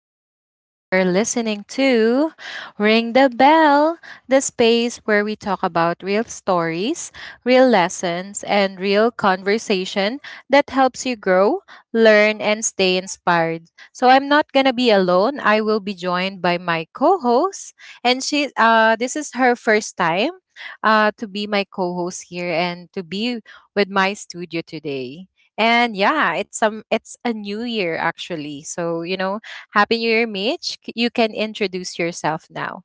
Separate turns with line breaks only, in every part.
Javelle and you're listening to Ring the Bell, the space where we talk about real stories, real lessons, and real conversation that helps you grow, learn, and stay inspired. So I'm not gonna be alone. I will be joined by my co-host, and she this is her first time to be my co-host here and to be with my studio today. And yeah, it's a new year actually. So, happy new year, Mitch. You can introduce yourself now.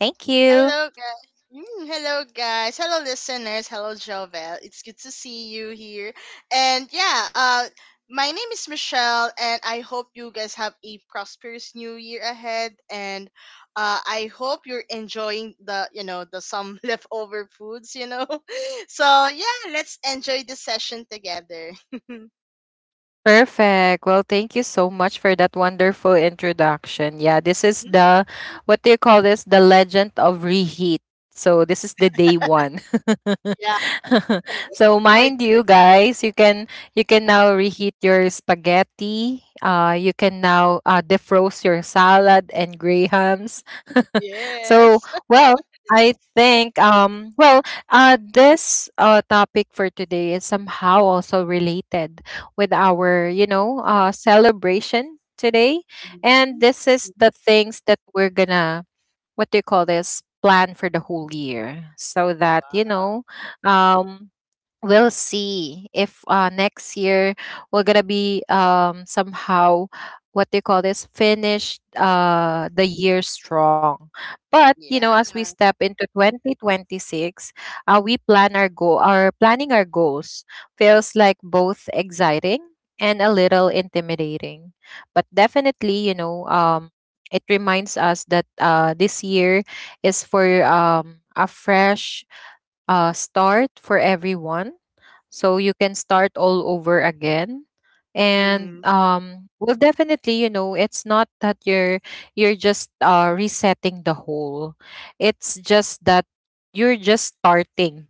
Thank you.
Hello, guys. Hello, guys. Hello, listeners. Hello, Jovel. It's good to see you here. And yeah, my name is Michelle, and I hope you guys have a prosperous new year ahead. And I hope you're enjoying the some leftover foods. So yeah, let's enjoy the session together.
Perfect. Well, thank you so much for that wonderful introduction. Yeah, this is the what do you call this? The legend of reheat. So this is the day one.
Yeah.
So
I-
mind you guys, you can now reheat your spaghetti. You can now defrost your salad and grahams. So,
yes.
well, I think, this topic for today is somehow also related with our celebration today. And
Mhm.
this is the things that we're gonna, what do you call this? Plan for the whole year so that,
Wow.
um we'll see if, next year we're gonna be somehow, what they call this, finish, the year strong. But you know,
Yeah.
as we step into 2026, we plan our goals feels like both exciting and a little intimidating. But definitely, you know, it reminds us that, this year is for, a fresh, start for everyone. So you can start all over again. And
Mm-hmm.
definitely, you know, it's not that you're just resetting the whole. It's just that you're just starting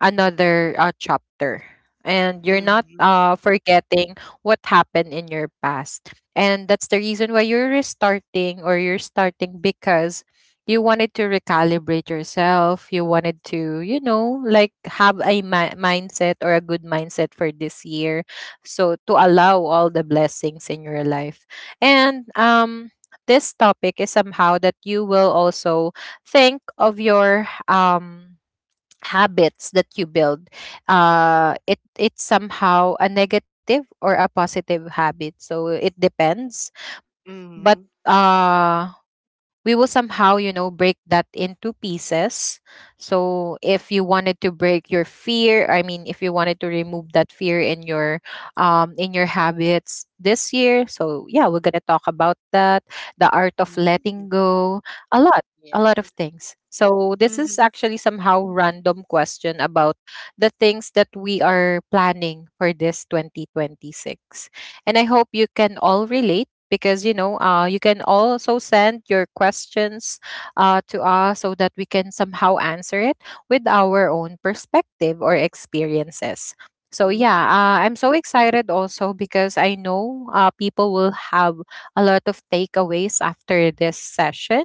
another chapter, and you're not
Mm-hmm.
forgetting what happened in your past, and that's the reason why you're restarting or you're starting because you wanted to recalibrate yourself, you wanted to, like have a mindset or a good mindset for this year, so to allow all the blessings in your life. And this topic is somehow that you will also think of your habits that you build. It's somehow a negative or a positive habit, so it depends. But
Mhm.
uh we will somehow, you know, break that into pieces. So if you wanted to break your fear, I mean, if you wanted to remove that fear in your in your habits this year. So yeah, we're going to talk about that, the art of
Mm.
letting go. a lot a lot
Yeah.
of things. So this is
Mhm.
actually somehow random question about the things that we are planning for this 2026, and I hope you can all relate because, you can also send your questions, to us, so that we can somehow answer it with our own perspective or experiences. So yeah,
Mm.
I'm so excited also because I know, people will have a lot of takeaways after this session,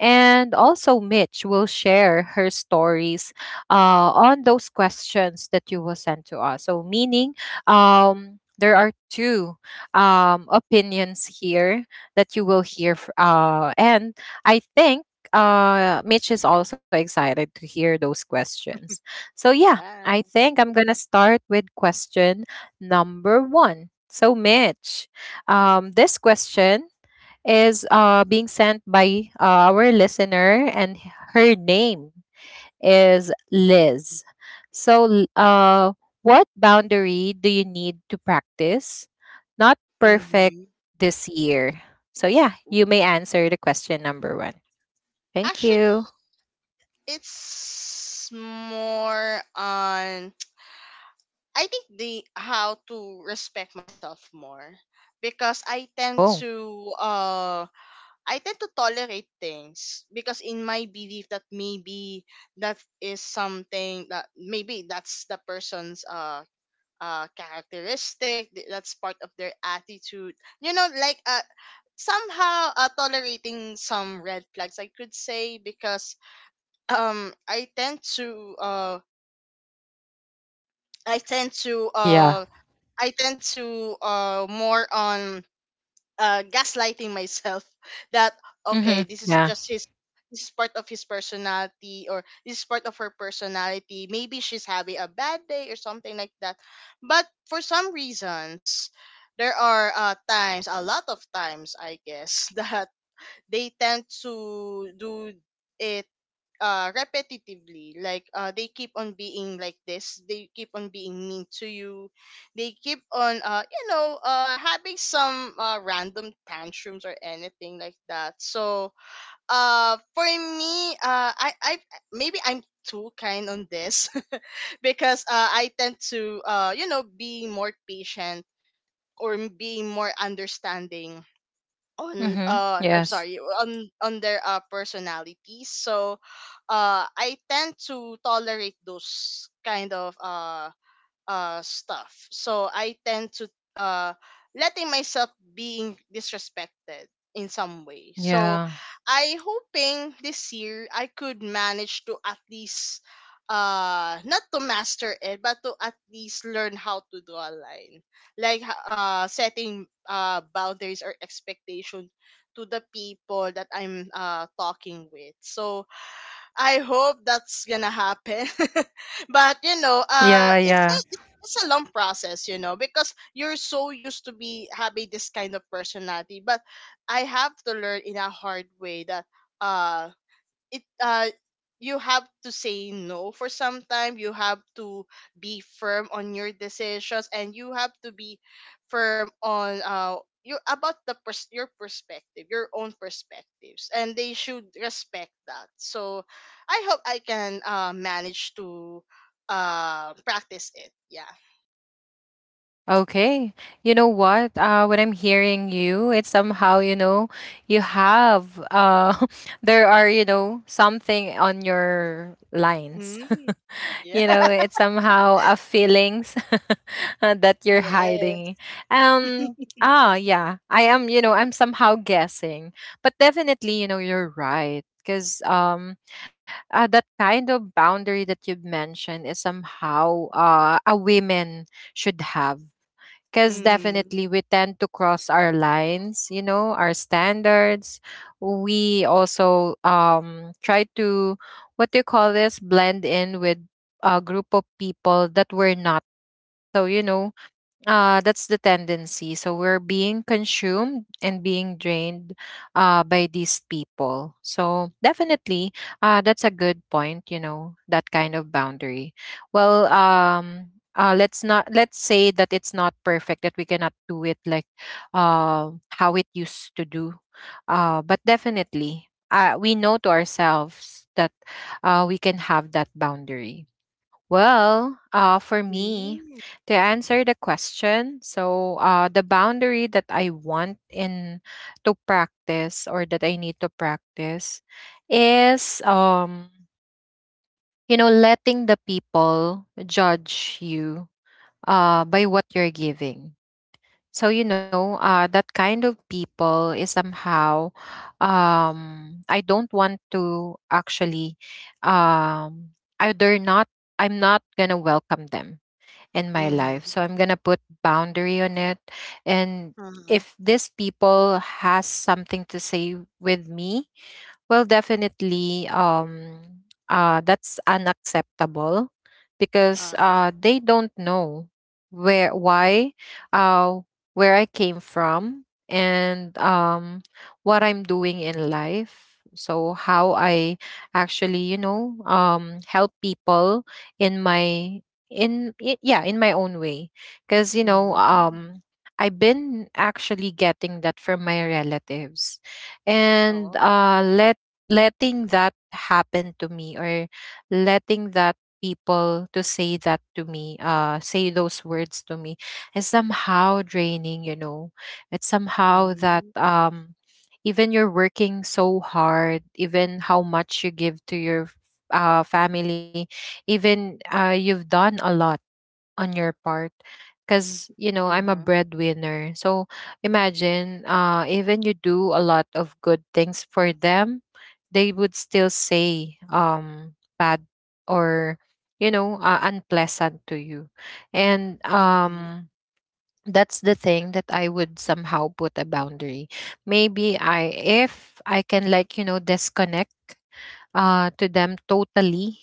and also Mitch will share her stories, on those questions that you will send to us. So meaning, there are two opinions here that you will hear. And I think Mitch is also excited to hear those questions. So, yeah,
Yeah.
I think I'm going to start with question number one. So, Mitch, this question is being sent by our listener, and her name is Liz. So, what boundary do you need to practice, not perfect,
Mhm.
this year? So, yeah, you may answer the question number one. Thank
Actually,
you.
it's more on I think the how to respect myself more because I tend
Oh,
to uh I tend to tolerate things because in my belief that maybe that is something that maybe that's the person's characteristic, that's part of their attitude, you know, like somehow, tolerating some red flags I could say because I tend to I tend to
yeah.
I tend to more on gaslighting myself. That okay,
Mm-hmm.
this is
Yeah.
just his. This is part of his personality, or this is part of her personality, maybe she's having a bad day or something like that. But for some reasons, there are times, a lot of times I guess, that they tend to do it repetitively. Like, they keep on being like this, they keep on being mean to you, they keep on having some random tantrums or anything like that. So for me, I maybe I'm too kind on this, because I tend to, you know, be more patient, or being more understanding on,
Mm-hmm.
I'm
Yes.
sorry, on their personalities. So I tend to tolerate those kind of stuff, so I tend to, uh letting myself being disrespected in some way. So
Yeah.
I hoping this year I could manage to at least, not to master it, but to at least learn how to draw a line, like, setting boundaries or expectation to the people that I'm talking with. So I hope that's gonna happen. But you know,
Yeah,
it's
yeah.
a- it's it's a long process, you know, because you're so used to be having this kind of personality. But I have to learn in a hard way that, uh it you have to say no for some time. You have to be firm on your decisions, and you have to be firm on, you, about the your perspective, your own perspectives, and they should respect that. So I hope I can manage to practice it. Yeah.
Okay. You know what? When I'm hearing you, it's somehow, you know, you have there are, something on your lines.
Mm. Yeah.
You know, it's somehow a feelings that you're
Yes.
hiding. um yeah, I'm somehow guessing. But definitely, you're right, because that kind of boundary that you've mentioned is somehow a women should have, because
Mm.
definitely we tend to cross our lines, our standards. We also try to, what do you call this, blend in with a group of people that we're not. So, that's the tendency. So we're being consumed and being drained by these people. So definitely, that's a good point. You know that kind of boundary. Well, let's say that it's not perfect, that we cannot do it like how it used to do. But definitely, we know to ourselves that we can have that boundary. Well, for me,
Mm.
to answer the question, so, the boundary that I want in to practice, or that I need to practice, is, letting the people judge you by what you're giving. So, that kind of people is somehow, I don't want to actually, either not, I'm not going to welcome them in my life.
Mm-hmm.
So I'm gonna put boundary on it. And
Uh-huh.
if these people has something to say with me, well, definitely, that's unacceptable because
Uh-huh.
they don't know where, why, uh, where I came from, and what I'm doing in life. So how I actually, help people in my, yeah, in my own way, because,
Mm.
I've been actually getting that from my relatives, and
Oh.
letting that happen to me, or letting that people to say that to me, say those words to me, is somehow draining. You know, it's somehow that,
Mm-hmm.
even you're working so hard, even how much you give to your family, even you've done a lot on your part, because you know, I'm a
Mm-hmm.
breadwinner. So imagine, even you do a lot of good things for them, they would still say bad, or, unpleasant to you. And
Mm-hmm.
that's the thing that I would somehow put a boundary. Maybe I if I can, like, disconnect to them totally.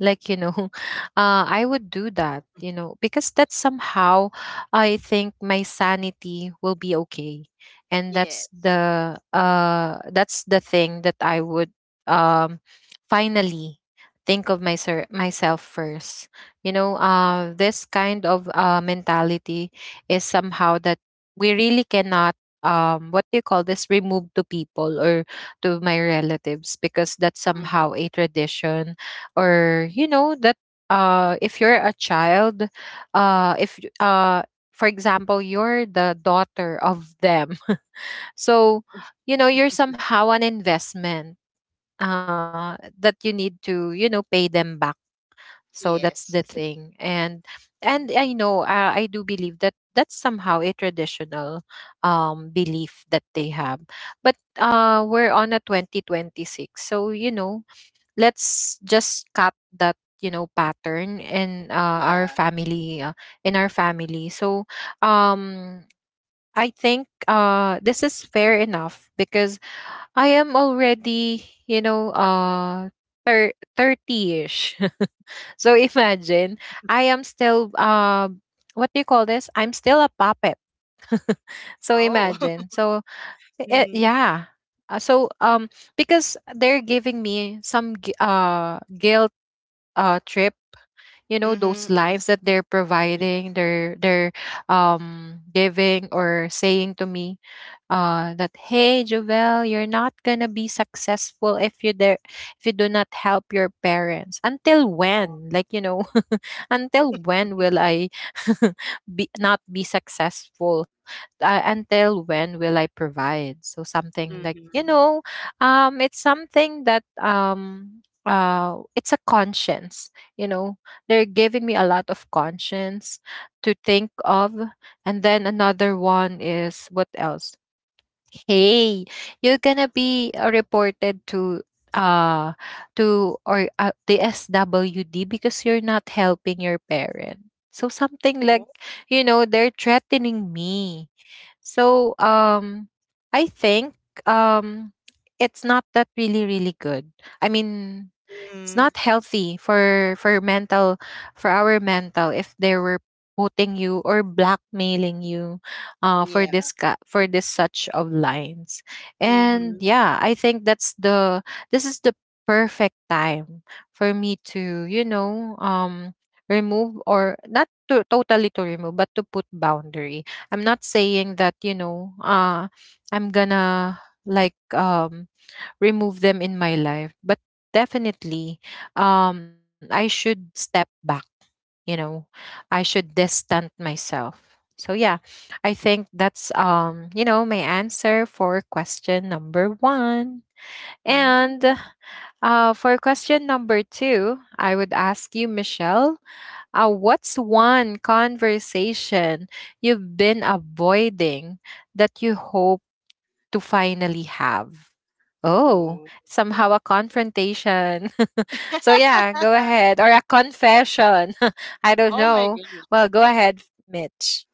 Like, you know, I would do that, because that's somehow, I think my sanity will be okay. And that's
Yes.
the uh, that's the thing that I would um, finally think of my, myself first. This kind of mentality is somehow that we really cannot, what do you call this? Remove to people or to my relatives because that's somehow
Mm-hmm.
a tradition, or you know that if you're a child, if y- for example, you're the daughter of them. So, you're somehow an investment that you need to, pay them back. So that's
Yes.
the thing. And I know, I do believe that that's somehow a traditional belief that they have. But we're on a 2026, so, let's just cut that, pattern in our
Yeah.
family in our family. So um I think this is fair enough because I am already, thir- 30ish. So imagine, I am still, what do you call this? I'm still a puppet. So
Oh.
imagine. So,
Mm-hmm.
yeah. So, because they're giving me some guilt trip, you know those
Mm-hmm. Mm-hmm.
lines that they're
Yeah.
providing. They're, giving or saying to me, that, hey, Jovel, you're not gonna be successful if you there if you do not help your parents. Until
Oh.
when? Until when will I be not be successful, until when will I provide? So something like,
Mm-hmm.
it's something that, it's a conscience. You know, they're giving me a lot of conscience to think of. And then another one is, what else? Hey, you're gonna be reported to, uh to or the SWD because you're not helping your parent. So something like,
Oh. Oh.
they're threatening me. So I think um it's not that really really good, I mean, it's not
Mm-hmm.
healthy for our mental if they were putting you or blackmailing you for
Yeah.
this, such of lines. And
Mm-hmm.
yeah, I think that's the this is the perfect time for me to, remove, or not to totally to remove, but to put boundary. I'm not saying that, I'm gonna, like um remove them in my life. But definitely, I should step back. You know, I should distant myself. So yeah, I think that's, my answer for question number one. And
Mm.
for question number two, I would ask you, Michelle, what's one conversation you've been avoiding that you hope to finally have? Oh,
Oh.
somehow a
Oh.
confrontation. So yeah, go ahead. Or a confession. I don't
Oh my
know.
goodness.
Well, go ahead, Mitch.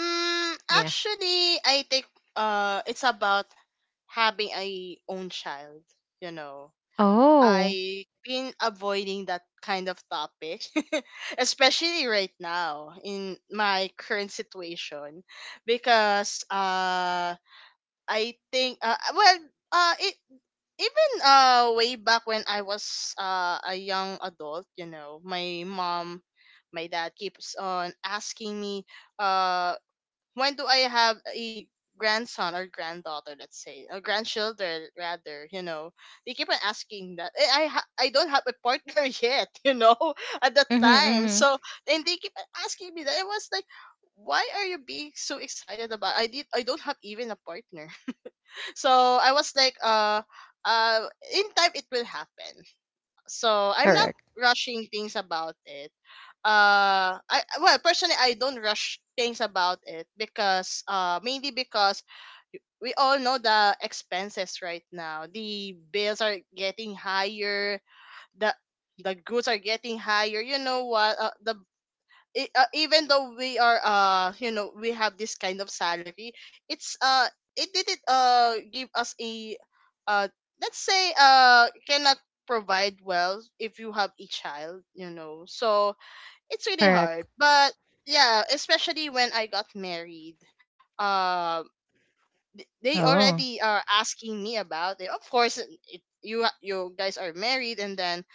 Yeah.
Actually, I think, it's about having a own child. You know.
Oh.
I have been avoiding that kind of topic, especially right now in my current situation, because, I think, well, uh, it, even, way back when I was, a young adult, you know, my mom, my dad keeps on asking me, uh, when do I have a grandson or granddaughter, let's say, or grandchildren rather, you know, they keep on asking that. I don't have a partner yet, you know, at that
Mm-hmm,
time.
mm-hmm.
So and they keep on asking me that. It was like, why are you being so excited about? I don't have even a partner. So I was like, uh, in time it will happen, so I'm not
Correct.
rushing things about it. I, well, personally I don't rush things about it, because mainly because we all know the expenses right now. The bills are getting higher. The the goods are getting higher. You know what? Even though we are, you know, we have this kind of salary, it's it didn't give us a, uh let's say, cannot provide well if you have a child, you know. So it's really hard.
Correct.
But yeah, especially when I got married, um they
Oh.
already are asking me about it. Of course, you guys are married, and then,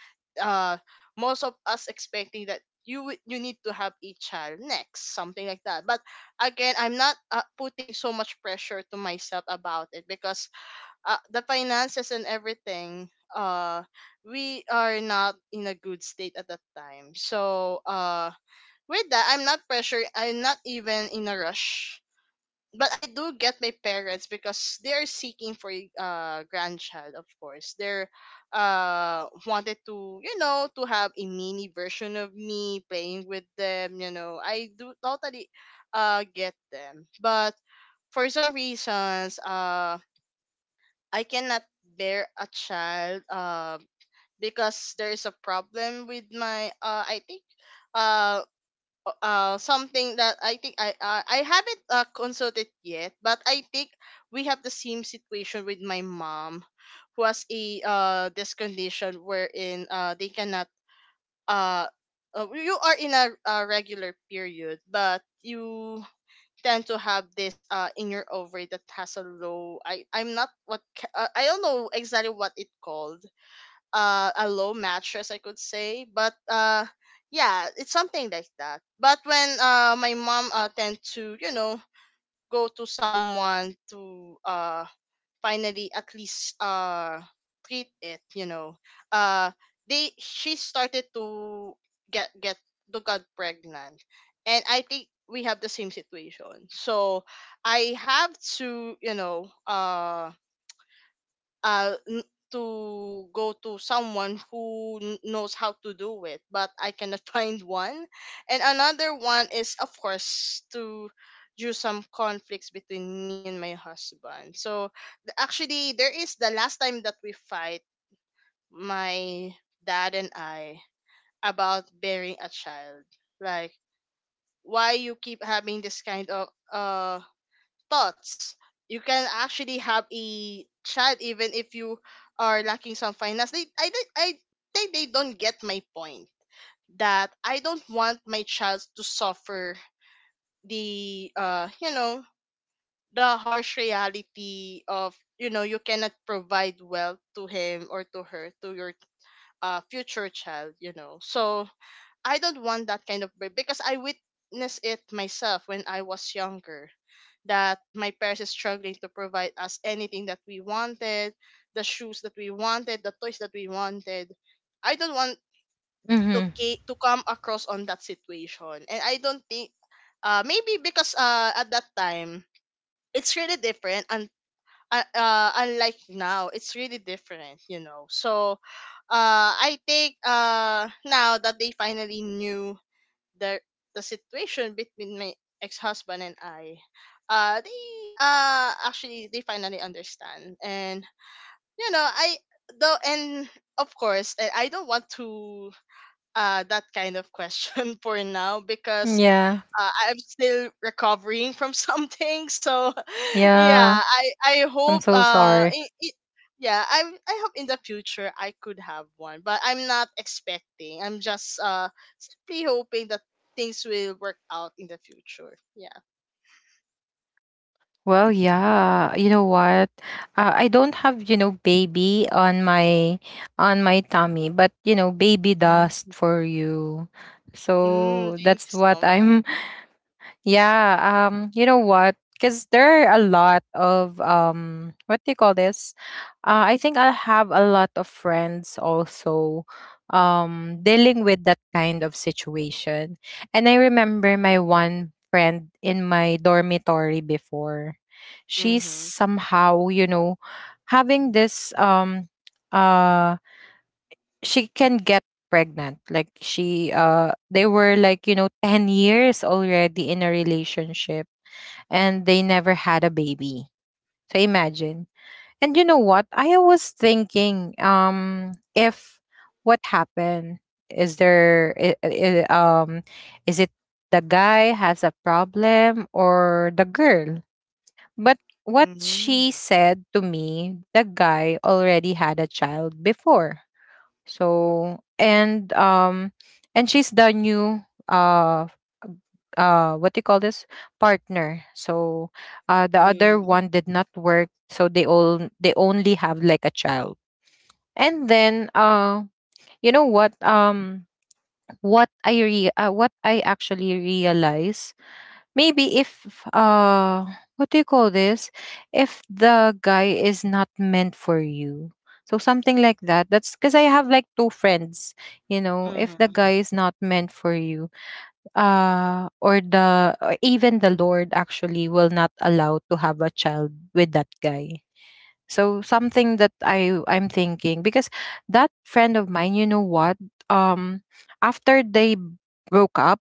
uh, most of us expecting that you you need to have a child next, something like that. But again, I'm not, putting so much pressure to myself about it, because, the finances and everything, we are not in a good state at that time. So with that, I'm not pressure, I'm not even in a rush. But I do get my parents, because they're seeking for a, grandchild, of course. They're wanted to, you know, to have a mini version of me playing with them, you know. I do totally get them. But for some reasons, I cannot bear a child, because there is a problem with my, I think, uh something that I think I haven't, consulted yet, but I think we have the same situation with my mom, who has a, this condition wherein, they cannot, uh, you are in a regular period, but you tend to have this, in your ovary that has a low, I'm not, I don't know exactly what it called, a low mattress, I could say. But, yeah, it's something like that. But when, my mom, tend to, you know, go to someone to, finally at least, treat it, you know, uh, they she started to get to got pregnant, and I think we have the same situation. So I have to, you know, uh n- to go to someone who knows how to do it, but I cannot find one. And another one is, of course, to do some conflicts between me and my husband. So, actually, there is the last time that we fight, my dad and I, about bearing a child. Like, why you keep having this kind of thoughts. You can actually have a chat even if you are lacking some finance. I think they don't get my point, that I don't want my child to suffer the, you know, the harsh reality of, you know, you cannot provide wealth to him or to her, to your future child, you know. So I don't want that kind of break, because I witnessed it myself when I was younger. That my parents is struggling to provide us anything that we wanted, the shoes that we wanted, the toys that we wanted. I don't want
Mm-hmm.
to to come across on that situation. And I don't think, maybe because, at that time it's really different, and, unlike now, it's really different, you know. So I think, now that they finally knew the the situation between my ex-husband and I, they, actually they finally understand, and you know I though, and of course, and I don't want to, that kind of question for now, because,
Yeah.
I'm still recovering from something. So
Yeah.
yeah, I
I'm
hope
so sorry.
I Yeah, I hope in the future I could have one, but I'm not expecting. I'm just, simply hoping that things will work out in the future. Yeah.
Well, yeah. You know what? I don't have, baby on my tummy, but baby dust
Mm-hmm.
for you.
Mm,
So
thank you
that's what
so much.
I'm yeah, you know what? Because there are a lot of what do you call this? I think I have a lot of friends also dealing with that kind of situation. And I remember my one friend in my dormitory before. She's
Mm-hmm.
somehow, having this uh she can get pregnant like she they were like 10 years already in a relationship, and they never had a baby, so imagine. And you know what I was thinking? If what happened is there is it the guy has a problem or the girl? But what she
Mm-hmm.
said to me, the guy already had a child before, so. And and she's the new uh what do you call this, partner. So the other
Mm-hmm.
one did not work, so they all they only have like a child. And then you know what, what what I actually realized, maybe if uh what do you call this, if the guy is not meant for you. So something like that. That's because I have like two friends, you know, if the guy is not meant for you, or the or even the Lord actually will not allow to have a child with that guy. So something that I I'm thinking, because that friend of mine, you know what? Um, after they broke up,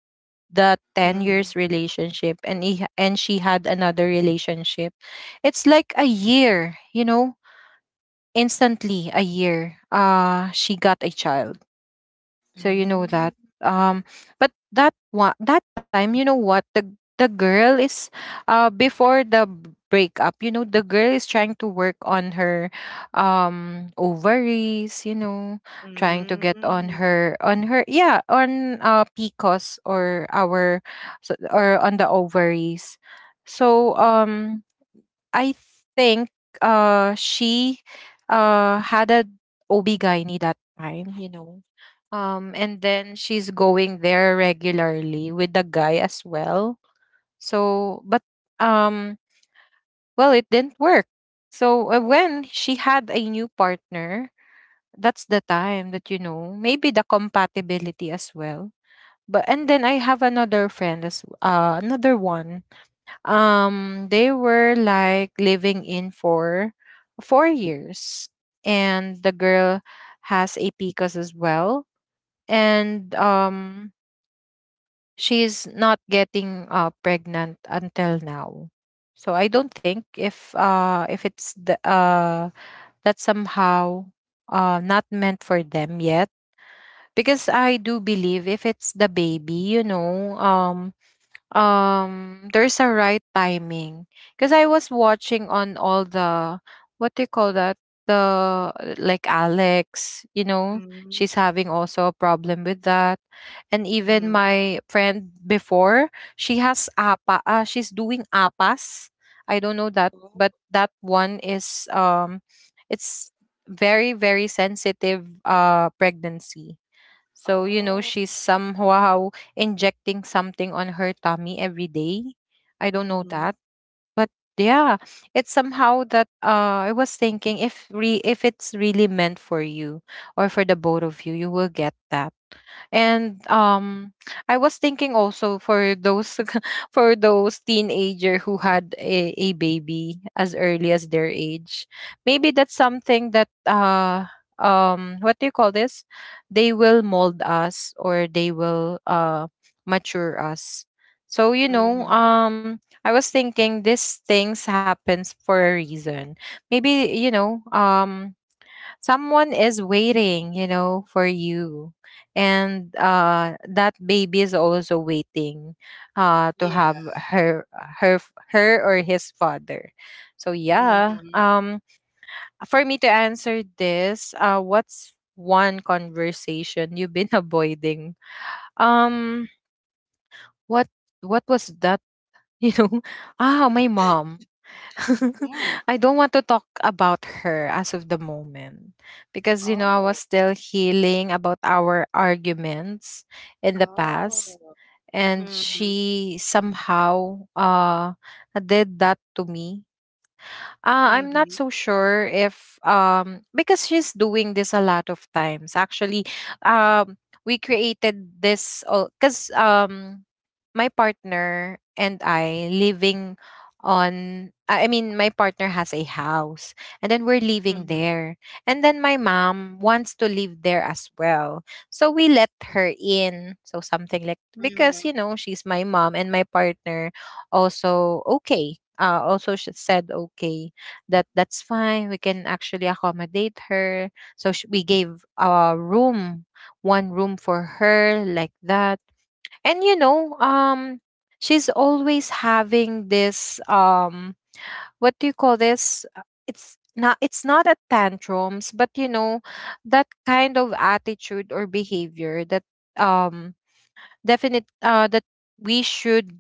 the ten
Mm-hmm.
years relationship, and he and she had another relationship. It's like a year, you know, instantly a year. She got a child, so you know that.
Mm-hmm.
Um, but that one, that time, you know what, the girl is, before the breakup, you know, the girl is trying to work on her, ovaries. You know, trying to get
Mm-hmm.
on her on her, yeah, on PCOS or our, so, or on the ovaries. So I think she had a OB gynae that time. You know, and then she's going there regularly with the guy as well. So, but um, well, it didn't work. So when she had a new partner, that's the time that you know maybe the compatibility as well. But and then I have another friend as another one. They were like living in for 4 years, and the girl has a Picas as well. And she's not getting pregnant until now. So I don't think if it's the that's somehow not meant for them yet, because I do believe if it's the baby, you know, there's a right timing, because I was watching on all the what do you call that, the like Alex, you know,
Mm-hmm.
she's having also a problem with that. And even
Mm-hmm.
my friend before, she has apa she's doing apas, I don't know that,
Oh.
but that one is it's very very sensitive pregnancy. So, you know,
Oh.
she's somehow injecting something on her tummy every day. I don't know
Hmm.
that. But yeah, it's somehow that I was thinking if re if it's really meant for you or for the both of you, you will get that. And I was thinking also for those for those teenager who had a baby as early as their age, maybe that's something that what do you call this? They will mold us or they will mature us. So you
Mhm.
know I was thinking these things happens for a reason. Maybe you know, someone is waiting you know for you, and that baby is also waiting to
Yeah.
have her her her or his father. So yeah,
Mhm.
for me to answer this, what's one conversation you've been avoiding, um what what was that, you know, ah, my mom.
Mm.
I don't want to talk about her as of the moment, because you know I
Oh.
was still healing about our arguments in the past.
Oh.
And
Mhm.
she somehow did that to me. I'm
Mhm.
not so sure if because she's doing this a lot of times. Actually, we created this because my partner and I living on I mean my partner has a house, and then we're living
Mhm.
there. And then my mom wants to live there as well. So we let her in. So something like, because
Mhm.
you know she's my mom, and my partner also okay. Also she said okay, that that's fine. We can actually accommodate her. So we gave a room, one room for her, like that. And you know, she's always having this what do you call this? It's not a tantrums, but you know, that kind of attitude or behavior that um definite that we should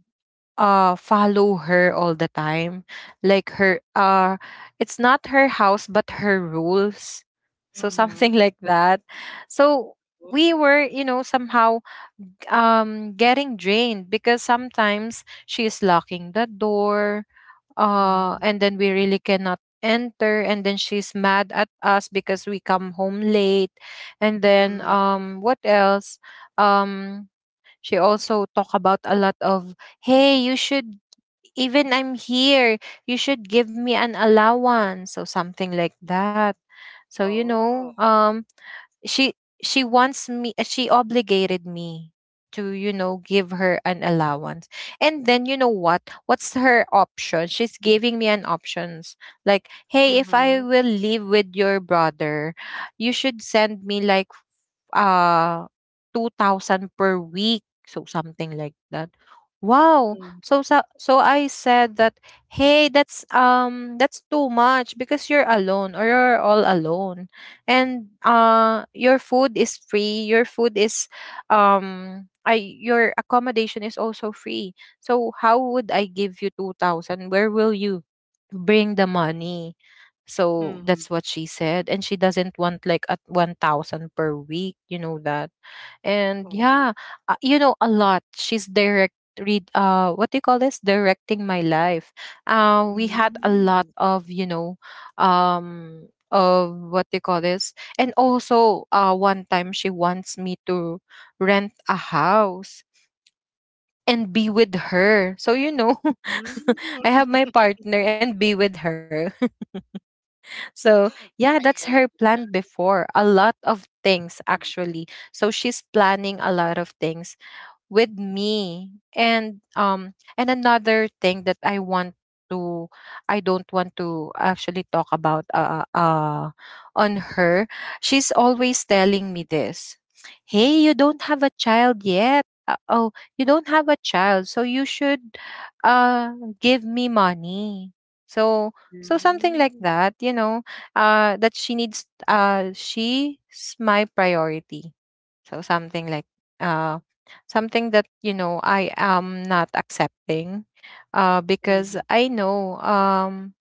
follow her all the time, like her it's not her house but her rules. So
Mhm.
something like that. So we
Mm.
were you know somehow getting drained, because sometimes she is locking the door,
Mhm.
and then we really cannot enter, and then she's mad at us because we come home late. And then
Mhm.
what else, um she also talk about a lot of, hey you should, even I'm here, you should give me an allowance. So something like that. So you
Oh.
know, she she wants me, she obligated me to, you know, give her an allowance. And then you know what? What's her option? She's giving me an options. Like, hey, if I
Mhm.
will live with your brother, you should send me like, ah, 2,000 per week, so something like that. Wow.
Mhm.
So so I said that, "Hey, that's too much, because you're alone, or you're all alone. And your food is free, your food is I your accommodation is also free. So how would I give you 2,000? Where will you bring the money?" So that's
Mhm.
what she said. And she doesn't want like at 1,000 per week. You know that. And
Oh.
yeah, you know, a lot. She's direct read what do you call this, directing my life. We had a lot
Mm.
of, you know, of what do you call this. And also one time she wants me to rent a house and be with her. So you know, I have
Mm.
my partner and be with her. So,
I
yeah, that's
get
her
you.
plan before. A lot of things,
Yeah.
actually. So, she's planning a lot of things with me. And and another thing that I want to, I don't want to actually talk about on her, she's always telling me this, hey, you don't have a child yet, oh, you don't have a child, so you should uh give me money. So, so something like
Mhm.
that, you know, that she needs, she's my priority. So something like uh something that you know I am not accepting, because
Mhm.
I know,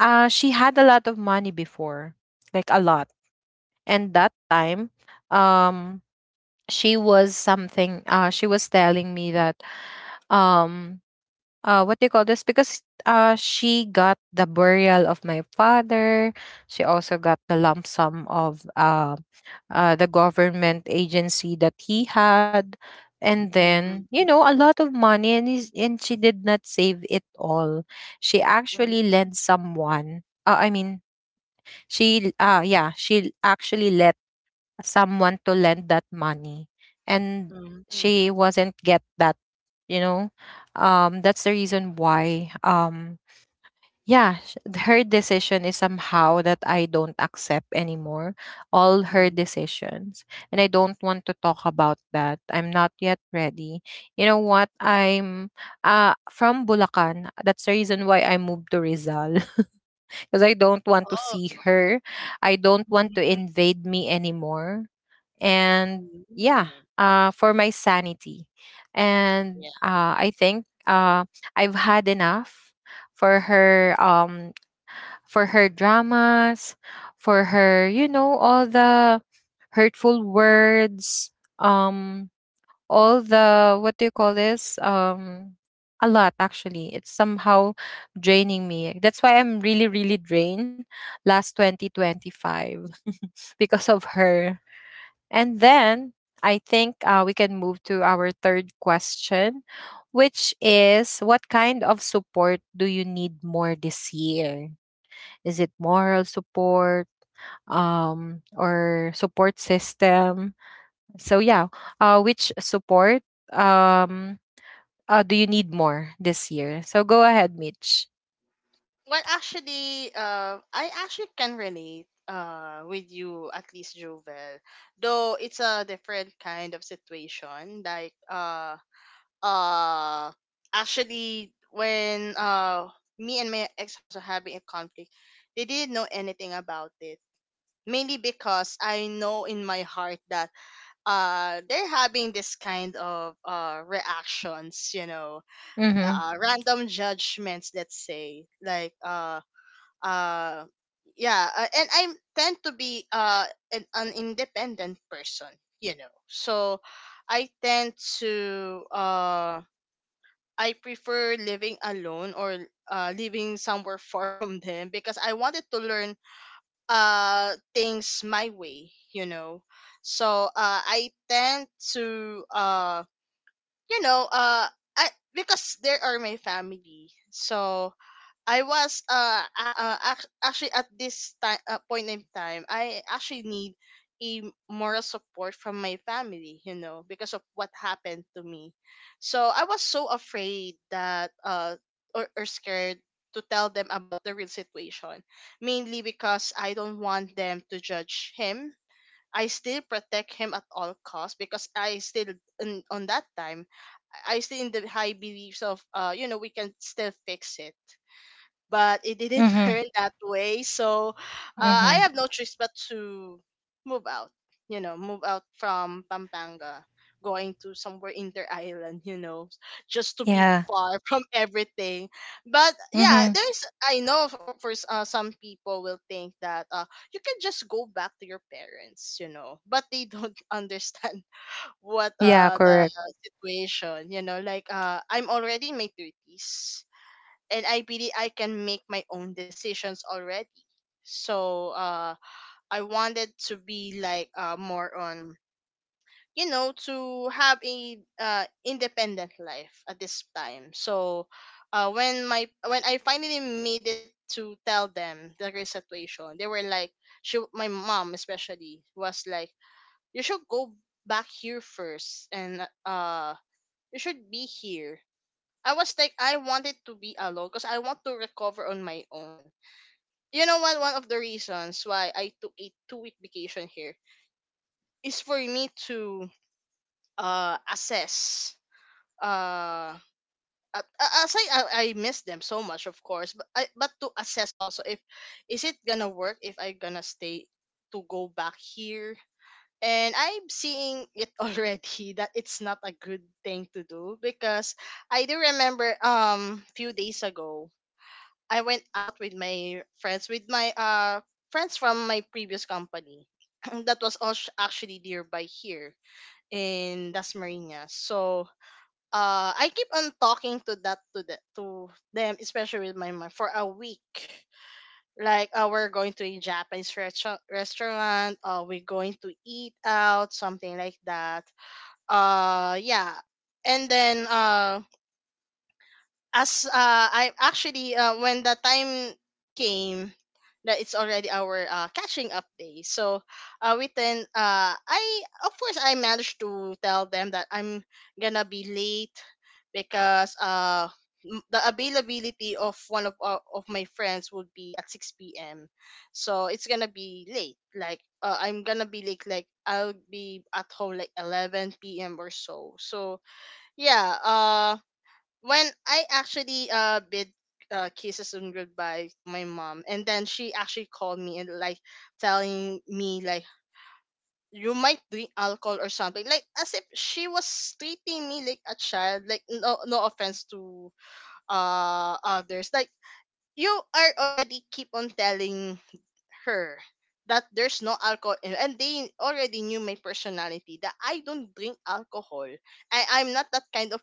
she had a lot of money before, like a lot. And that time, um she was something, she was telling me that um what do you call this, because she got the burial of my father. She also got the lump sum of the government agency that he had. And then
Mhm.
you know a lot of money, and she did not save it all. She actually
Mhm.
lent someone, she yeah, she actually let someone to lend that money. And
Mhm.
she wasn't get that, you know, that's the reason why, yeah, her decision is somehow that I don't accept anymore. All her
Mhm.
decisions. And I don't want to talk about that. I'm not yet ready. You know what? I'm from Bulacan. That's the reason why I moved to Rizal because I don't want to
Oh.
see her. I don't want to
Mhm.
invade me anymore. And yeah,
Mhm.
for my sanity. And
Yeah.
I think I've had enough for her, for her dramas, for her, you know, all the hurtful words, um, all the what do you call this? A lot actually. It's somehow draining me. That's why I'm really, really drained last 2025 because of her. And then I think, we can move to our third question, which is what kind of support do you need more this year? Is it moral support, or support system? So, yeah, which support, um, do you need more this year? So, go ahead, Mitch.
Well, actually, I actually can relate, with you, at least, Jovel. Though it's a different kind of situation. Like, uh, actually, when, me and my ex husband having a conflict, they didn't know anything about it. Mainly because I know in my heart that, they're having this kind of, reactions, you know,
Mm hmm.
random judgments, let's say. Like, uh yeah, and I tend to be, an independent person, you know. So I tend to, I prefer living alone, or living somewhere far from them, because I wanted to learn things my way, you know. So I tend to, you know, I, because they are my family, so I was, actually, at this time, point in time, I actually need a moral support from my family, you know, because of what happened to me. So I was so afraid that, or scared to tell them about the real situation, mainly because I don't want them to judge him. I still protect him at all costs because I still on that time I still in the high beliefs of we can still fix it, but it
Mm
didn't
hmm.
turn that way. So
Mm hmm.
I have no choice but to move out, move out from Pampanga, going to somewhere inter island, just to be
Yeah.
far from everything. But
Mm
yeah,
hmm.
I know for some people will think that you can just go back to your parents, but they don't understand what
Yeah,
the
correct.
situation, like, I'm already in my 30s, and I can make my own decisions already. So I wanted to be like more on, to have a independent life at this time. So when my when I finally made it to tell them the current situation, they were like, she my mom especially was like, you should go back here first, and you should be here. I was like, I wanted to be alone because I want to recover on my own. You know what? One of the reasons why I took a 2-week vacation here is for me to assess. Uh, as I miss them so much, of course, but but to assess also if is it gonna work, if I gonna stay, to go back here. And I'm seeing it already that it's not a good thing to do because I do remember few days ago, I went out with my friends, with my friends from my previous company. That was also actually nearby here in Las Marinas. So I keep on talking to to them, especially with my mom, for a week. Like, we're going to a Japanese restaurant. We're going to eat out, something like that. Yeah. And then as I actually when the time came that it's already our catching up day. So we then I of course I managed to tell them that I'm gonna be late because the availability of one of of my friends would be at 6 p.m. So it's gonna be late. Like, I'm gonna be late. Like I'll be at home like 11 p.m. or so. So, yeah. When I actually bid kisses and goodbye to my mom, and then she actually called me and like telling me like, you might drink alcohol or something, like as if she was treating me like a child. Like, no, no offense to others, like, you are already keep on telling her that there's no alcohol in, and they already knew my personality that I don't drink alcohol. I'm not that kind of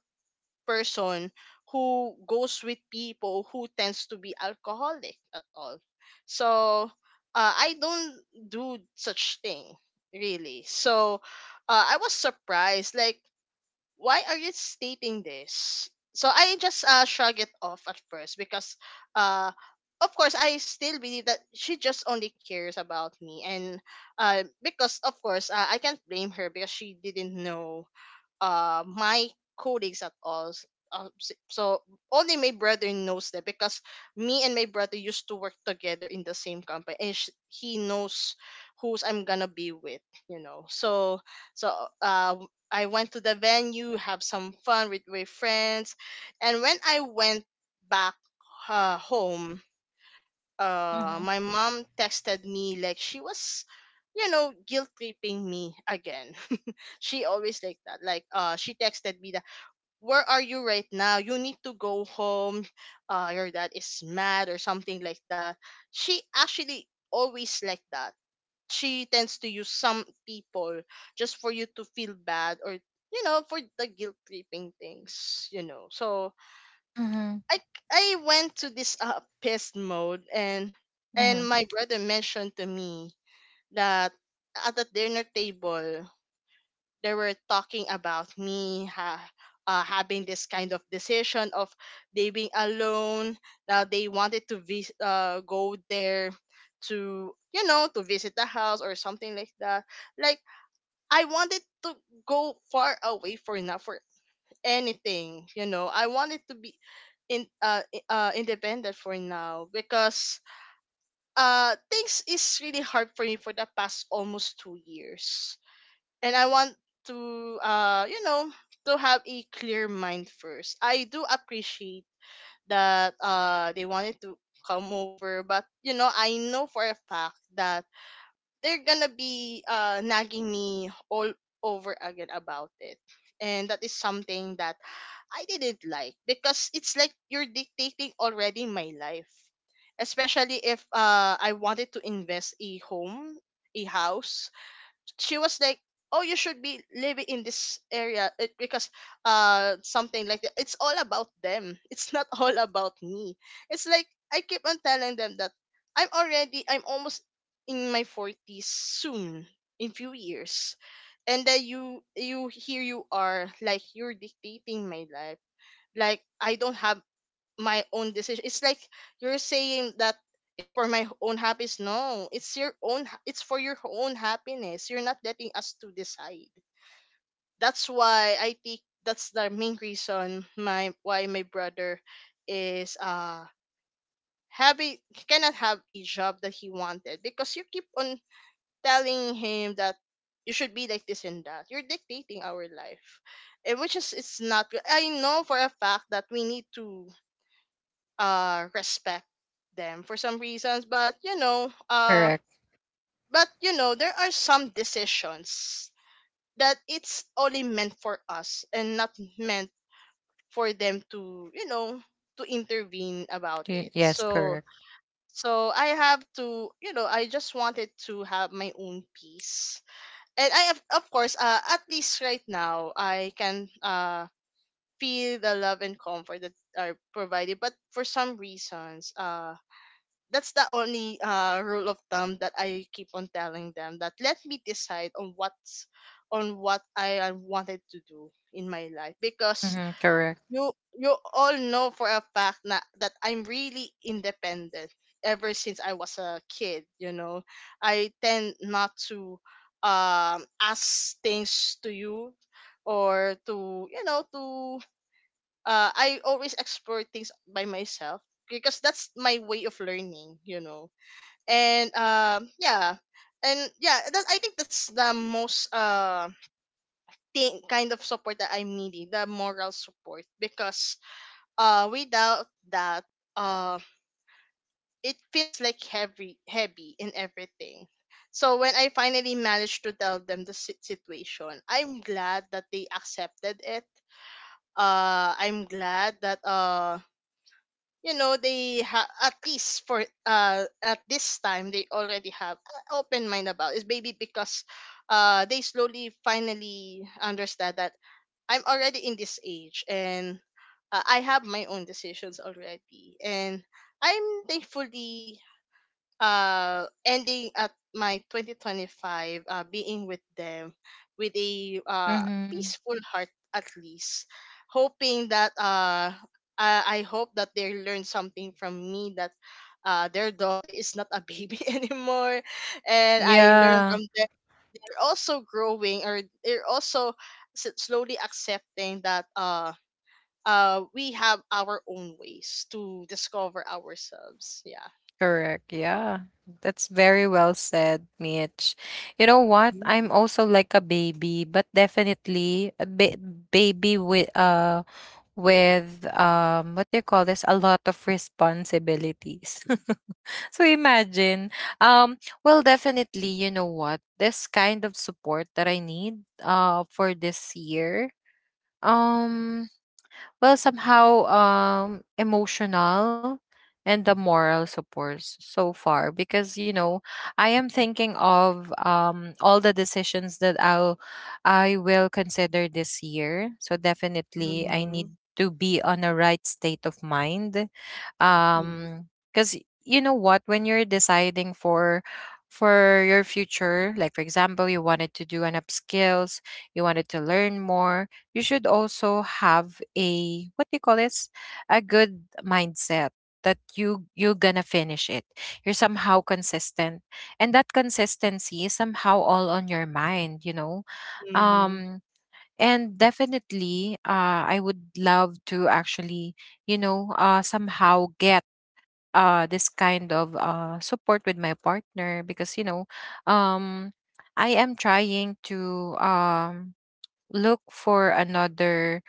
person who goes with people who tends to be alcoholic at all. So I don't do such thing really. So I was surprised. Like, why are you stating this? So I just shrug it off at first because, uh, of course, I still believe that she just only cares about me. And because of course, I can't blame her because she didn't know my colleagues at all. So only my brother knows that, because me and my brother used to work together in the same company, and he knows who's I'm gonna be with. You know, so so uh, I went to the venue, have some fun with my friends. And when I went back home,
Mm hmm.
my mom texted me like she was, guilt tripping me again. She always like that. Like she texted me that, where are you right now? You need to go home. Your dad is mad or something like that. She actually always like that. She tends to use some people just for you to feel bad, or, for the guilt tripping things. So
Mm hmm.
I I went to this pissed mode, and
Mm
and
hmm.
my brother mentioned to me that at the dinner table they were talking about me, having this kind of decision of they being alone. Now they wanted to go there to, to visit the house or something like that. Like, I wanted to go far away, for not for anything. You know, I wanted to be independent for now, because things is really hard for me for the past almost 2 years, and I want to to have a clear mind first. I do appreciate that they wanted to come over, but, I know for a fact that they're gonna be nagging me all over again about it. And that is something that I didn't like because it's like you're dictating already my life. Especially if I wanted to invest a home, a house. She was like, oh, you should be living in this area, because something like that. It's all about them, it's not all about me. It's like, I keep on telling them that I'm almost in my 40s soon, in few years, and then you here you are, like, you're dictating my life, like I don't have my own decision. It's like you're saying that it's for my own happiness. No, it's your own. It's for your own happiness. You're not letting us to decide. That's why I think that's the main reason, my why my brother is having cannot have a job that he wanted, because you keep on telling him that you should be like this and that. You're dictating our life, and which is it's not good. I know for a fact that we need to respect them for some reasons,
Correct.
but you know there are some decisions that it's only meant for us, and not meant for them to, to intervene about it.
Do Yes,
so
correct.
so I have to, I just wanted to have my own peace. And I have, of course, at least right now I can feel the love and comfort that are provided, but for some reasons. That's the only rule of thumb that I keep on telling them, that let me decide on what I wanted to do in my life. Because
Mhm, correct.
you you all know for a fact na that I'm really independent ever since I was a kid. I tend not to ask things to you, or to, to I always explore things by myself because that's my way of learning. And yeah. And yeah, that I think that's the most thing kind of support that I'm needing, the moral support. Because without that, uh it feels like heavy, heavy in everything. So when I finally managed to tell them the situation, I'm glad that they accepted it. I'm glad that at least for at this time they already have an open mind about it, maybe because they slowly finally understand that I'm already in this age. And I have my own decisions already. And I'm, thankfully, ending at my 2025, being with them with a
Mhm.
peaceful heart, at least hoping that I hope that they learn something from me, that their daughter is not a baby anymore. And I learn
Yeah,
from them, they're also growing, or they're also slowly accepting that we have our own ways to discover ourselves. Yeah.
Yeah. That's very well said, Mitch. You know what? I'm also like a baby, but definitely baby with what do you call this? A lot of responsibilities. So imagine. Um well, definitely, you know what? This kind of support that I need for this year. Um well, somehow, emotional and the moral support so far, because you know, I am thinking of all the decisions that I will consider this year. So definitely I need
Mm.
to be on a right state of mind.
Hmm.
um because you know what, when you're deciding for your future, like for example, you wanted to do an upskills, you wanted to learn more, you should also have a, what do you call this, a good mindset that you're gonna finish it, you're somehow consistent, and that consistency is somehow all on your mind, you know.
Mhm.
um and definitely, I would love to actually, you know, somehow get this kind of support with my partner, because you know, um I am trying to, look for another,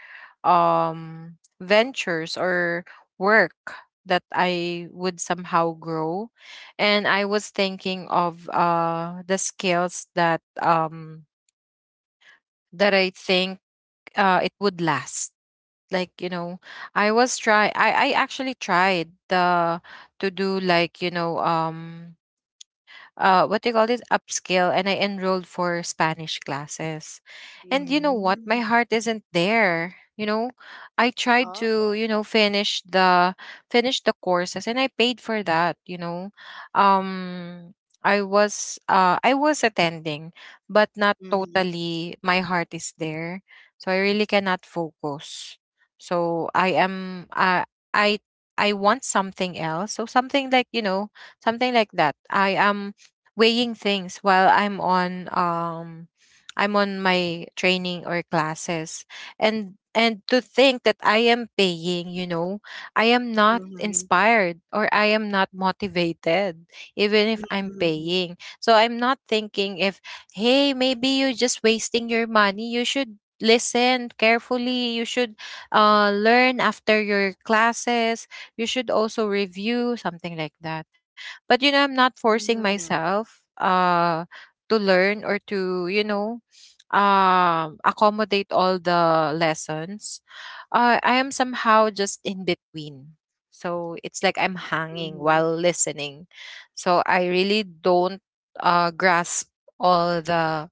ventures or work that I would somehow grow. And I was thinking of the skills that that I think it would last. Like, you know, I was try I actually tried the to do like, you know, what they call this upskill, and I enrolled for Spanish classes. And you know what? My
Mhm.
heart isn't there. You know, I tried
Oh.
to, you know, finish the courses, and I paid for that, you know. Um I was attending, but not
Mhm.
totally my heart is there. So I really cannot focus. So I am I I want something else. So something like, you know, something like that. I am weighing things while I'm on my training or classes, and to think that I am paying, you know, I am not
Mhm.
inspired or I am not motivated even if I'm
Mhm.
paying. So I'm not thinking, if hey, maybe you're just wasting your money. You should listen carefully. You should learn after your classes. You should also review, something like that. But you know, I'm not forcing
Mhm.
myself to learn, or to, you know, accommodate all the lessons. I am somehow just in between. So it's like I'm hanging
Mhm.
while listening. So I really don't grasp all the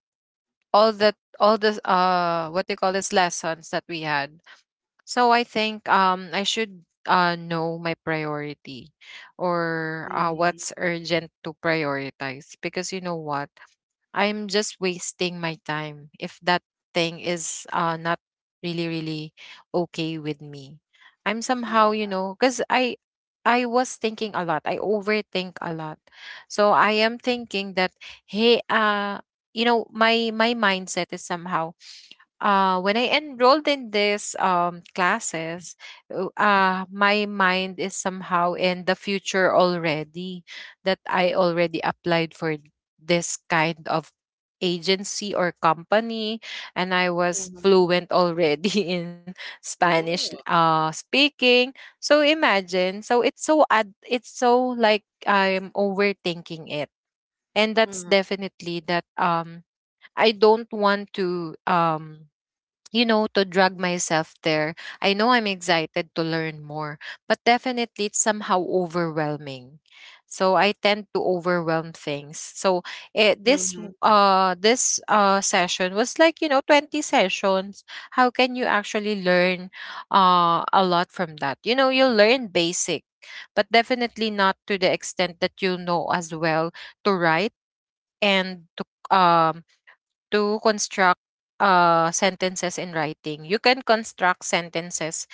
all the all the what do you call this, lessons that we had. So I think I should know my priority, or
Mhm.
what's urgent to prioritize, because you know what, I'm just wasting my time if that thing is not really really okay with me. I'm somehow,
Yeah.
you know, cuz I was thinking a lot. I overthink a lot. So I am thinking that, hey, you know, my mindset is somehow when I enrolled in this classes, my mind is somehow in the future already, that I already applied for this kind of agency or company, and I was
Mhm.
fluent already in Spanish,
Oh.
speaking. So imagine, so it's it's so like I'm overthinking it. And that's
Mhm.
definitely that, I don't want to, you know, to drag myself there. I know I'm excited to learn more, but definitely it's somehow overwhelming. So I tend to overwhelm things. So
Mhm.
this session was like, you know, 20 sessions. How can you actually learn a lot from that? You know, you'll learn basic, but definitely not to the extent that you know as well to write, and to, um to construct sentences in writing. You can construct sentences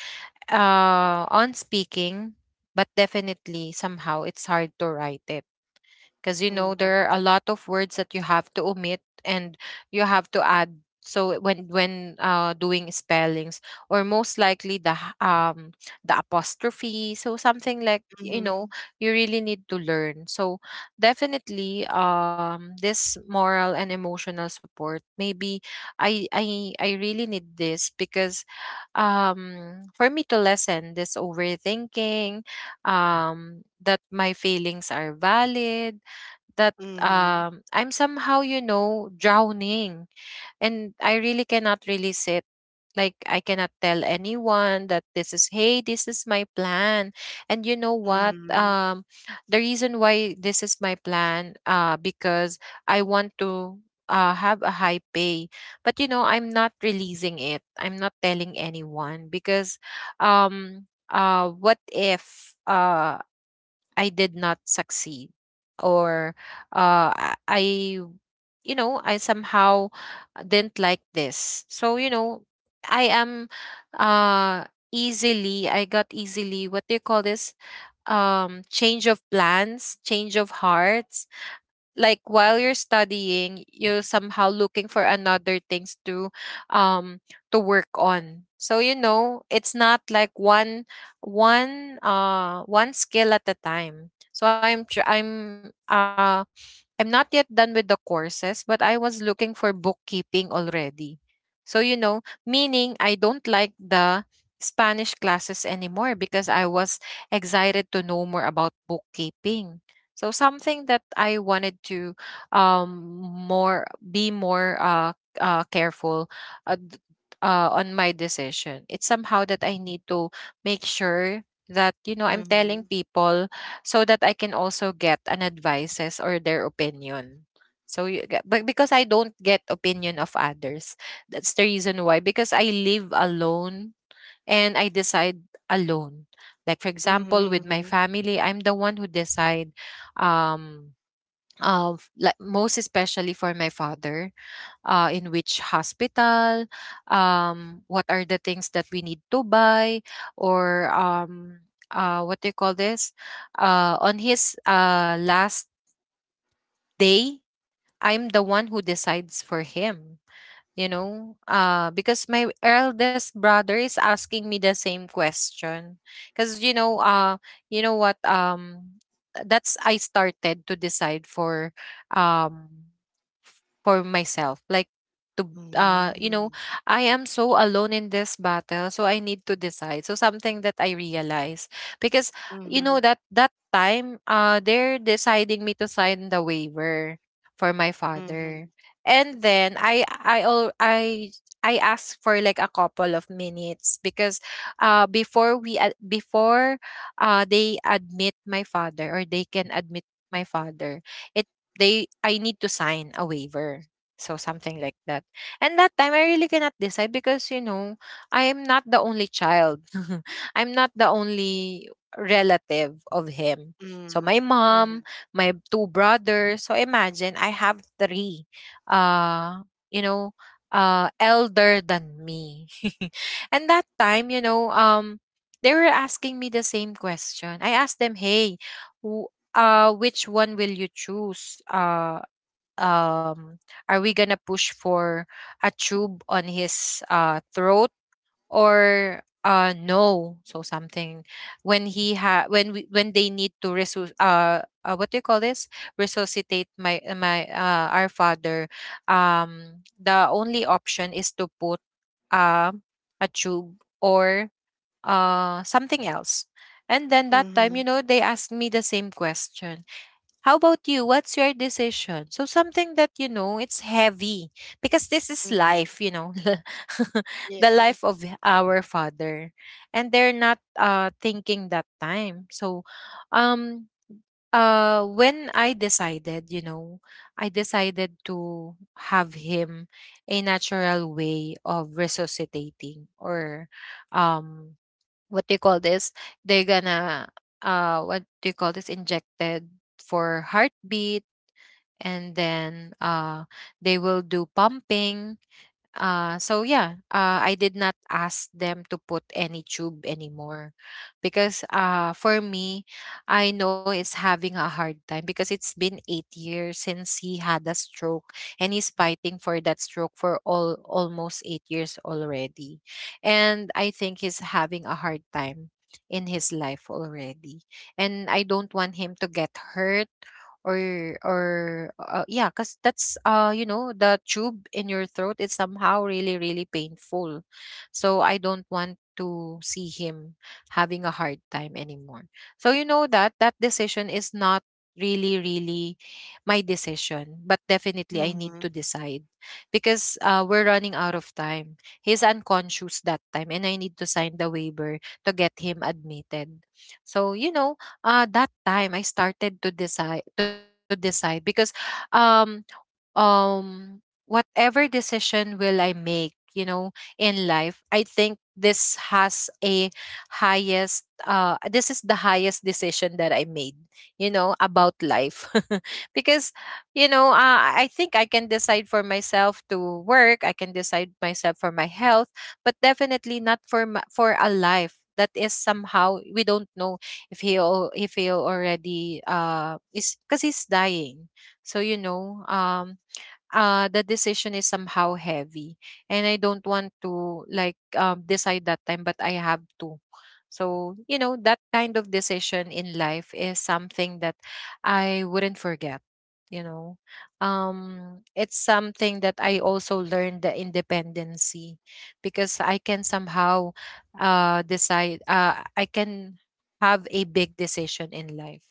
on speaking, but definitely somehow it's hard to write it, because you know
Mhm.
there are a lot of words that you have to omit, and you have to add. So when doing spellings, or most likely the apostrophe, so something like, you
Mhm.
know, you really need to learn. So definitely this moral and emotional support, maybe I really need this, because for me to lessen this overthinking, that my feelings are valid, that
Mhm.
I'm somehow, you know, drowning, and I really cannot release it. Like I cannot tell anyone that this is, hey, this is my plan. And you know what?
Mhm.
The reason why this is my plan, because I want to, have a high pay, but you know, I'm not releasing it, I'm not telling anyone, because um what if I did not succeed, or uh, I I, you know, I somehow didn't like this. So you know, I am uh easily I got easily, what do you call this, change of plans, change of hearts. Like while you're studying, you're somehow looking for another things to, um to work on. So you know, it's not like one skill at a time. So I'm tr- I'm I'm not yet done with the courses, but I was looking for bookkeeping already. So you know, meaning I don't like the Spanish classes anymore, because I was excited to know more about bookkeeping. So something that I wanted to, um more be more careful, uh, d- on my decision. It's somehow that I need to make sure that, you know, I'm telling
Mhm.
people, so that I can also get an advices or their opinion. So but because I don't get opinion of others. That's the reason why, because I live alone, and I decide alone. Like for example, with my
Mhm.
family, I'm the one who decide, um of, like most especially for my father, in which hospital, what are the things that we need to buy, or what do you call this, on his last day, I'm the one who decides for him, you know, because my eldest brother is asking me the same question. Because you know, you know what, that's, I started to decide for, um for myself, like to, you know,
Mhm.
I am so alone in this battle, so I need to decide. So something that I realize, because you know,
Mhm.
that that time, they're deciding me to sign the waiver for my father.
Mhm.
And then I I asked for like a couple of minutes, because before they admit my father, or they can admit my father, it they, I need to sign a waiver. So something like that. And that time, I really cannot decide because, you know, I am not the only child. I'm not the only relative of him. So my
Mhm.
mom,
Mhm.
my two brothers. So imagine, I have three, uh you know, elder than me. And that time, you know, they were asking me the same question. I asked them, "Hey, who, which one will you choose, um are we gonna push for a tube on his throat, or no, so something. When he ha when they need to what do you call this, resuscitate my, our father, the only option is to put uh a tube, or something else. And then that time, you
Mhm.
know, they asked me the same question, how about you? What's your decision? So something that you know, it's heavy, because this is
Mhm.
life, you know, the
Yeah.
life of our father, and they're not thinking that time. So, um, when I decided, you know, I decided to have him a natural way of resuscitating, or, um, what do you call this? They're gonna what do you call this? Injected for heartbeat, and then they will do pumping. I did not ask them to put any tube anymore because for me, I know it's having a hard time because it's been 8 years since he had a stroke, and he's fighting for that stroke for all almost 8 years already, and I think he's having a hard time in his life already, and I don't want him to get hurt or or yeah, because that's you know the tube in your throat is somehow really really painful, so I don't want to see him having a hard time anymore. So you know that decision is not really really my decision, but definitely I need to
Mhm.
decide because we're running out of time, he's unconscious that time, and I need to sign the waiver to get him admitted. So you know, that time I started to decide because um whatever decision will I make, you know, in life, I think this has a highest this is the highest decision that I made, you know, about life. Because you know, I think I can decide for myself to work, I can decide myself for my health, but definitely not for for a life that is somehow we don't know if if he already is, because he's dying. So you know the decision is somehow heavy, and I don't want to like decide that time, but I have to. So, you know, that kind of decision in life is something that I wouldn't forget, you know. It's something that I also learned, the independency, because I can somehow decide I can have a big decision in life.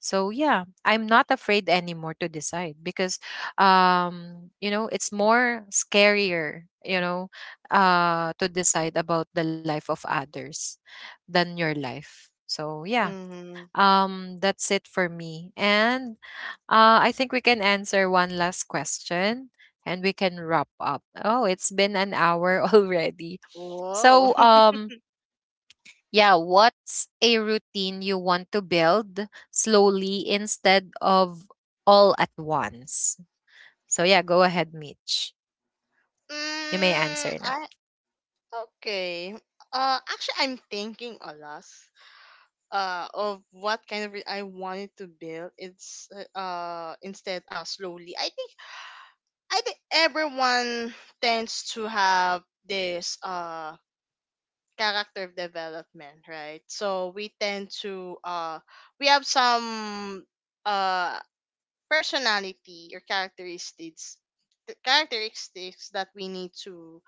So, yeah, I'm not afraid anymore to decide because you know it's more scarier, you know, to decide about the life of others than your life. So yeah,
Mhm.
that's it for me. And I think we can answer one last question and we can wrap up. Oh, it's been an hour already.
Whoa.
So yeah, what's a routine you want to build slowly instead of all at once? So yeah, go ahead, Mitch, you may
mm,
answer now.
I Okay. Actually, I'm thinking a lot. Of what kind of I wanted to build. It's, instead, slowly. I think everyone tends to have this character development, right? So we tend to we have some uh personality or characteristics that we need to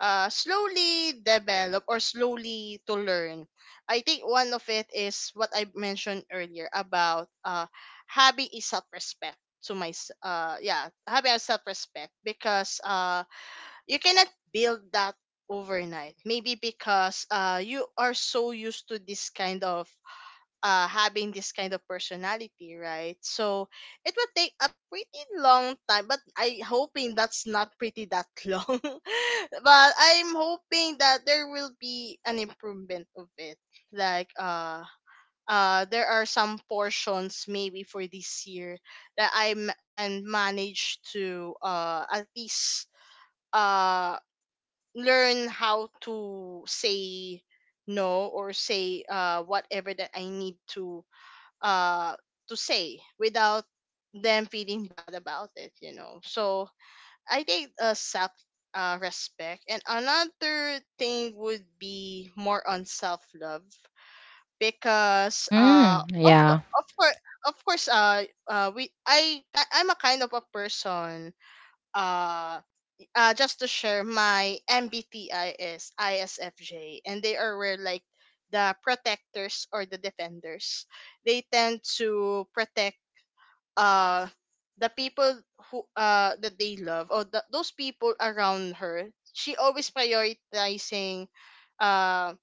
slowly develop, or slowly to learn. I think one of it is what I mentioned earlier about, having a self respect, to my s- yeah having a self respect because you cannot build that overnight, maybe because you are so used to this kind of, having this kind of personality, right? So it would take a pretty long time, but I hoping that's not pretty that long. But I'm hoping that there will be an improvement of it. Like, there are some portions maybe for this year that I can manage to at least uh learn how to say no, or say whatever that I need to, uh to say without them feeling bad about it. So, I think self, respect, and another thing would be more on self love. Because,
Mm,
of
yeah.
cour- of course of course I'm a kind of a person. uh just to share, my MBTI is ISFJ, and they are where like the protectors or the defenders. They tend to protect uh the people who that they love, or those people around her. She always prioritizing uh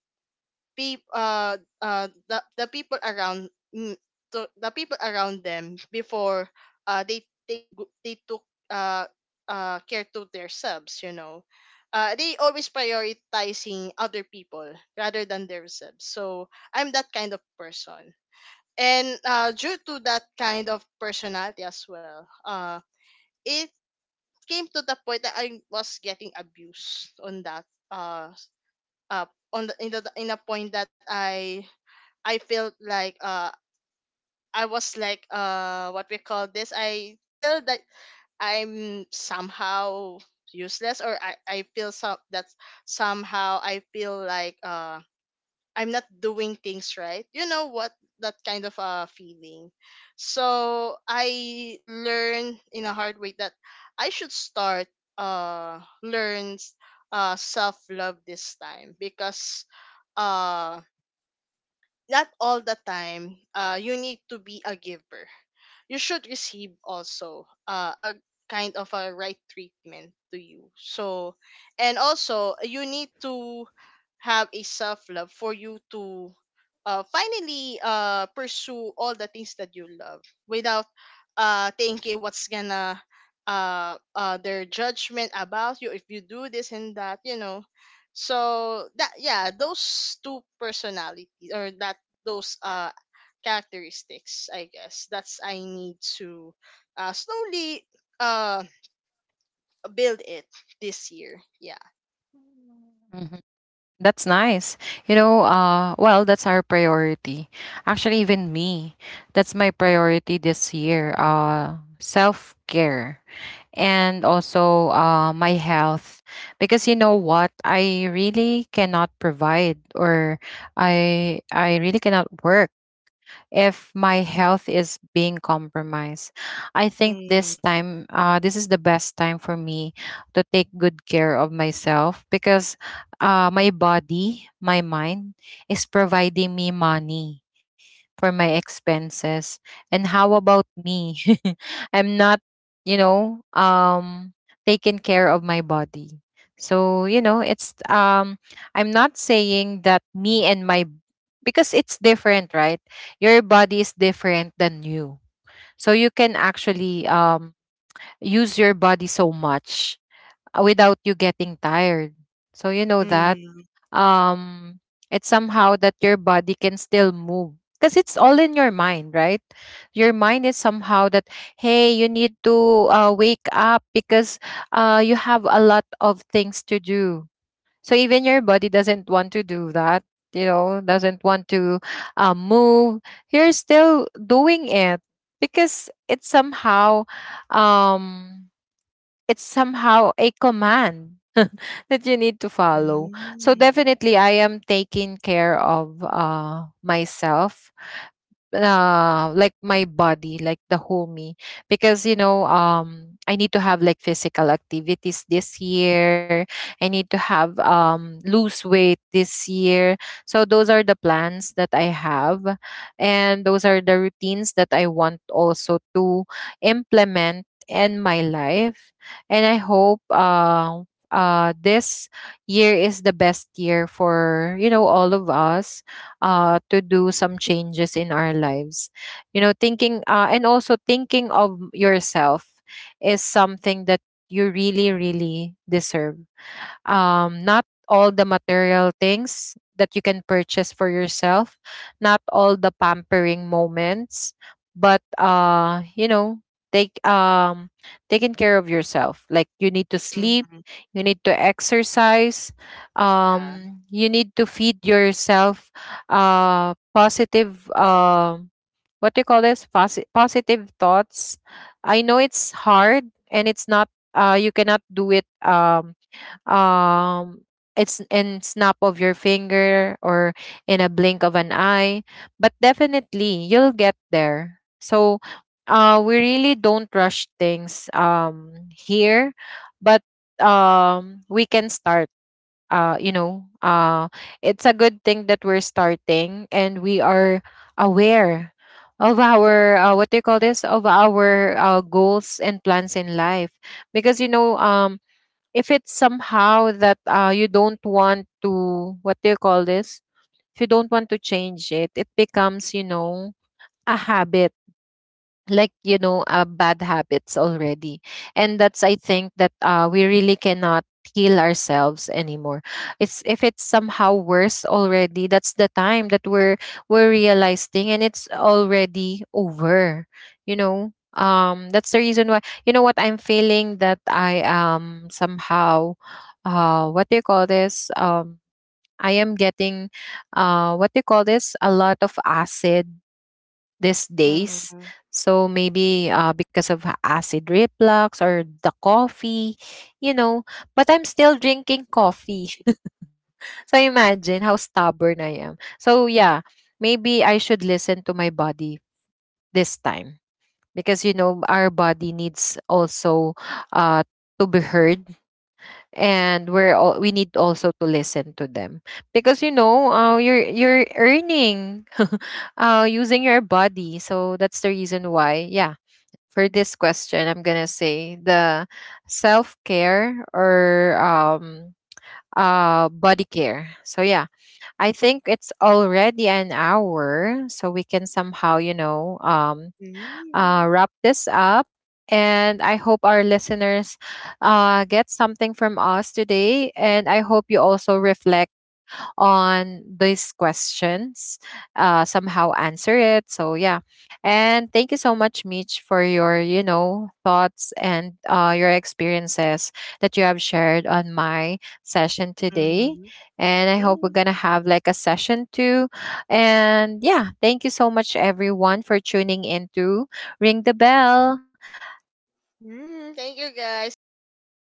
people, the people around, mm, to the people around them before they took uh care to themselves. They always prioritizing other people rather than themselves, so I'm that kind of person. And due to that kind of personality as well, it came to the point that I was getting abused on that, uh uh on the in a point that I felt like, I was like, what we call this, I feel that I'm somehow useless, or I feel some that somehow I feel like, I'm not doing things right. You know what, that kind of feeling. So I learned in a hard way that I should start, learn self love this time, because uh not all the time you need to be a giver. You should receive also, a kind of a right treatment to you. So, and also you need to have a self love for you to, finally, pursue all the things that you love without, thinking what's gonna, their judgment about you if you do this and that, so that, yeah, those two personalities, or that those characteristics, I guess that's, I need to slowly uh build it this year. Yeah.
Mhm. That's nice. You know, well, that's our priority. Actually, even me, that's my priority this year. Self care, and also my health. Because you know what, I really cannot provide, or I really cannot work if my health is being compromised. I think this
Mm,
time, this is the best time for me to take good care of myself because my body, my mind is providing me money for my expenses. And how about me? I'm not, you know, taking care of my body. So, you know, it's, I'm not saying that me and my, because it's different, right? Your body is different than you. So you can actually use your body so much without you getting tired. So you know that
mm,
um it's somehow that your body can still move because it's all in your mind, right? Your mind is somehow that, hey, you need to wake up because you have a lot of things to do. So even your body doesn't want to do that, you know, doesn't want to move. You're still doing it because um, it's somehow a command that you need to follow. So
mm,
definitely, I am taking care of myself, like my body, like the whole me, because you know I need to have like physical activities this year, I need to have lose weight this year. So those are the plans that I have, and those are the routines that I want also to implement in my life. And I hope this year is the best year for you know all of us to do some changes in our lives. You know, thinking and also thinking of yourself is something that you really, really deserve, not all the material things that you can purchase for yourself, not all the pampering moments, but you know, take taking care of yourself. Like you need to sleep,
mhm,
you need to exercise,
yeah.
you need to feed yourself positive what do you call this? Positive thoughts. I know it's hard and it's not you cannot do it, um it's in snap of your finger or in a blink of an eye, but definitely you'll get there. So we really don't rush things here, but we can start. uh you know uh it's a good thing that we're starting and we are aware of our what do you call this, of our goals and plans in life. Because you know if it's somehow that you don't want to, what do you call this, if you don't want to change it, it becomes, you know, a habit, like, you know, bad habits already. And that's I think that we really cannot heal ourselves anymore. It's if it's somehow worse already, that's the time that we're realizing, and it's already over. You know that's the reason why, you know what, I'm feeling that I am somehow what do you call this, I am getting what do you call this, a lot of acid these days.
Mhm,
So maybe because of acid reflux or the coffee, you know, but I'm still drinking coffee. So imagine how stubborn I am. So yeah, maybe I should listen to my body this time, because you know our body needs also uh to be heard, and we need also to listen to them because you know you're earning using your body, so that's the reason why. Yeah, for this question, I'm gonna say the self care, or body care. So yeah, I think it's already an hour, so we can somehow you know
mm,
wrap this up. And I hope our listeners get something from us today. And I hope you also reflect on these questions, somehow answer it. So yeah, and thank you so much, Mitch, for your you know thoughts and your experiences that you have shared on my session today.
mhm,
And I hope we're
mm.
gonna have like a session too. And yeah, thank you so much, everyone, for tuning in to Ring the Bell.
Mm, thank you guys, see you until next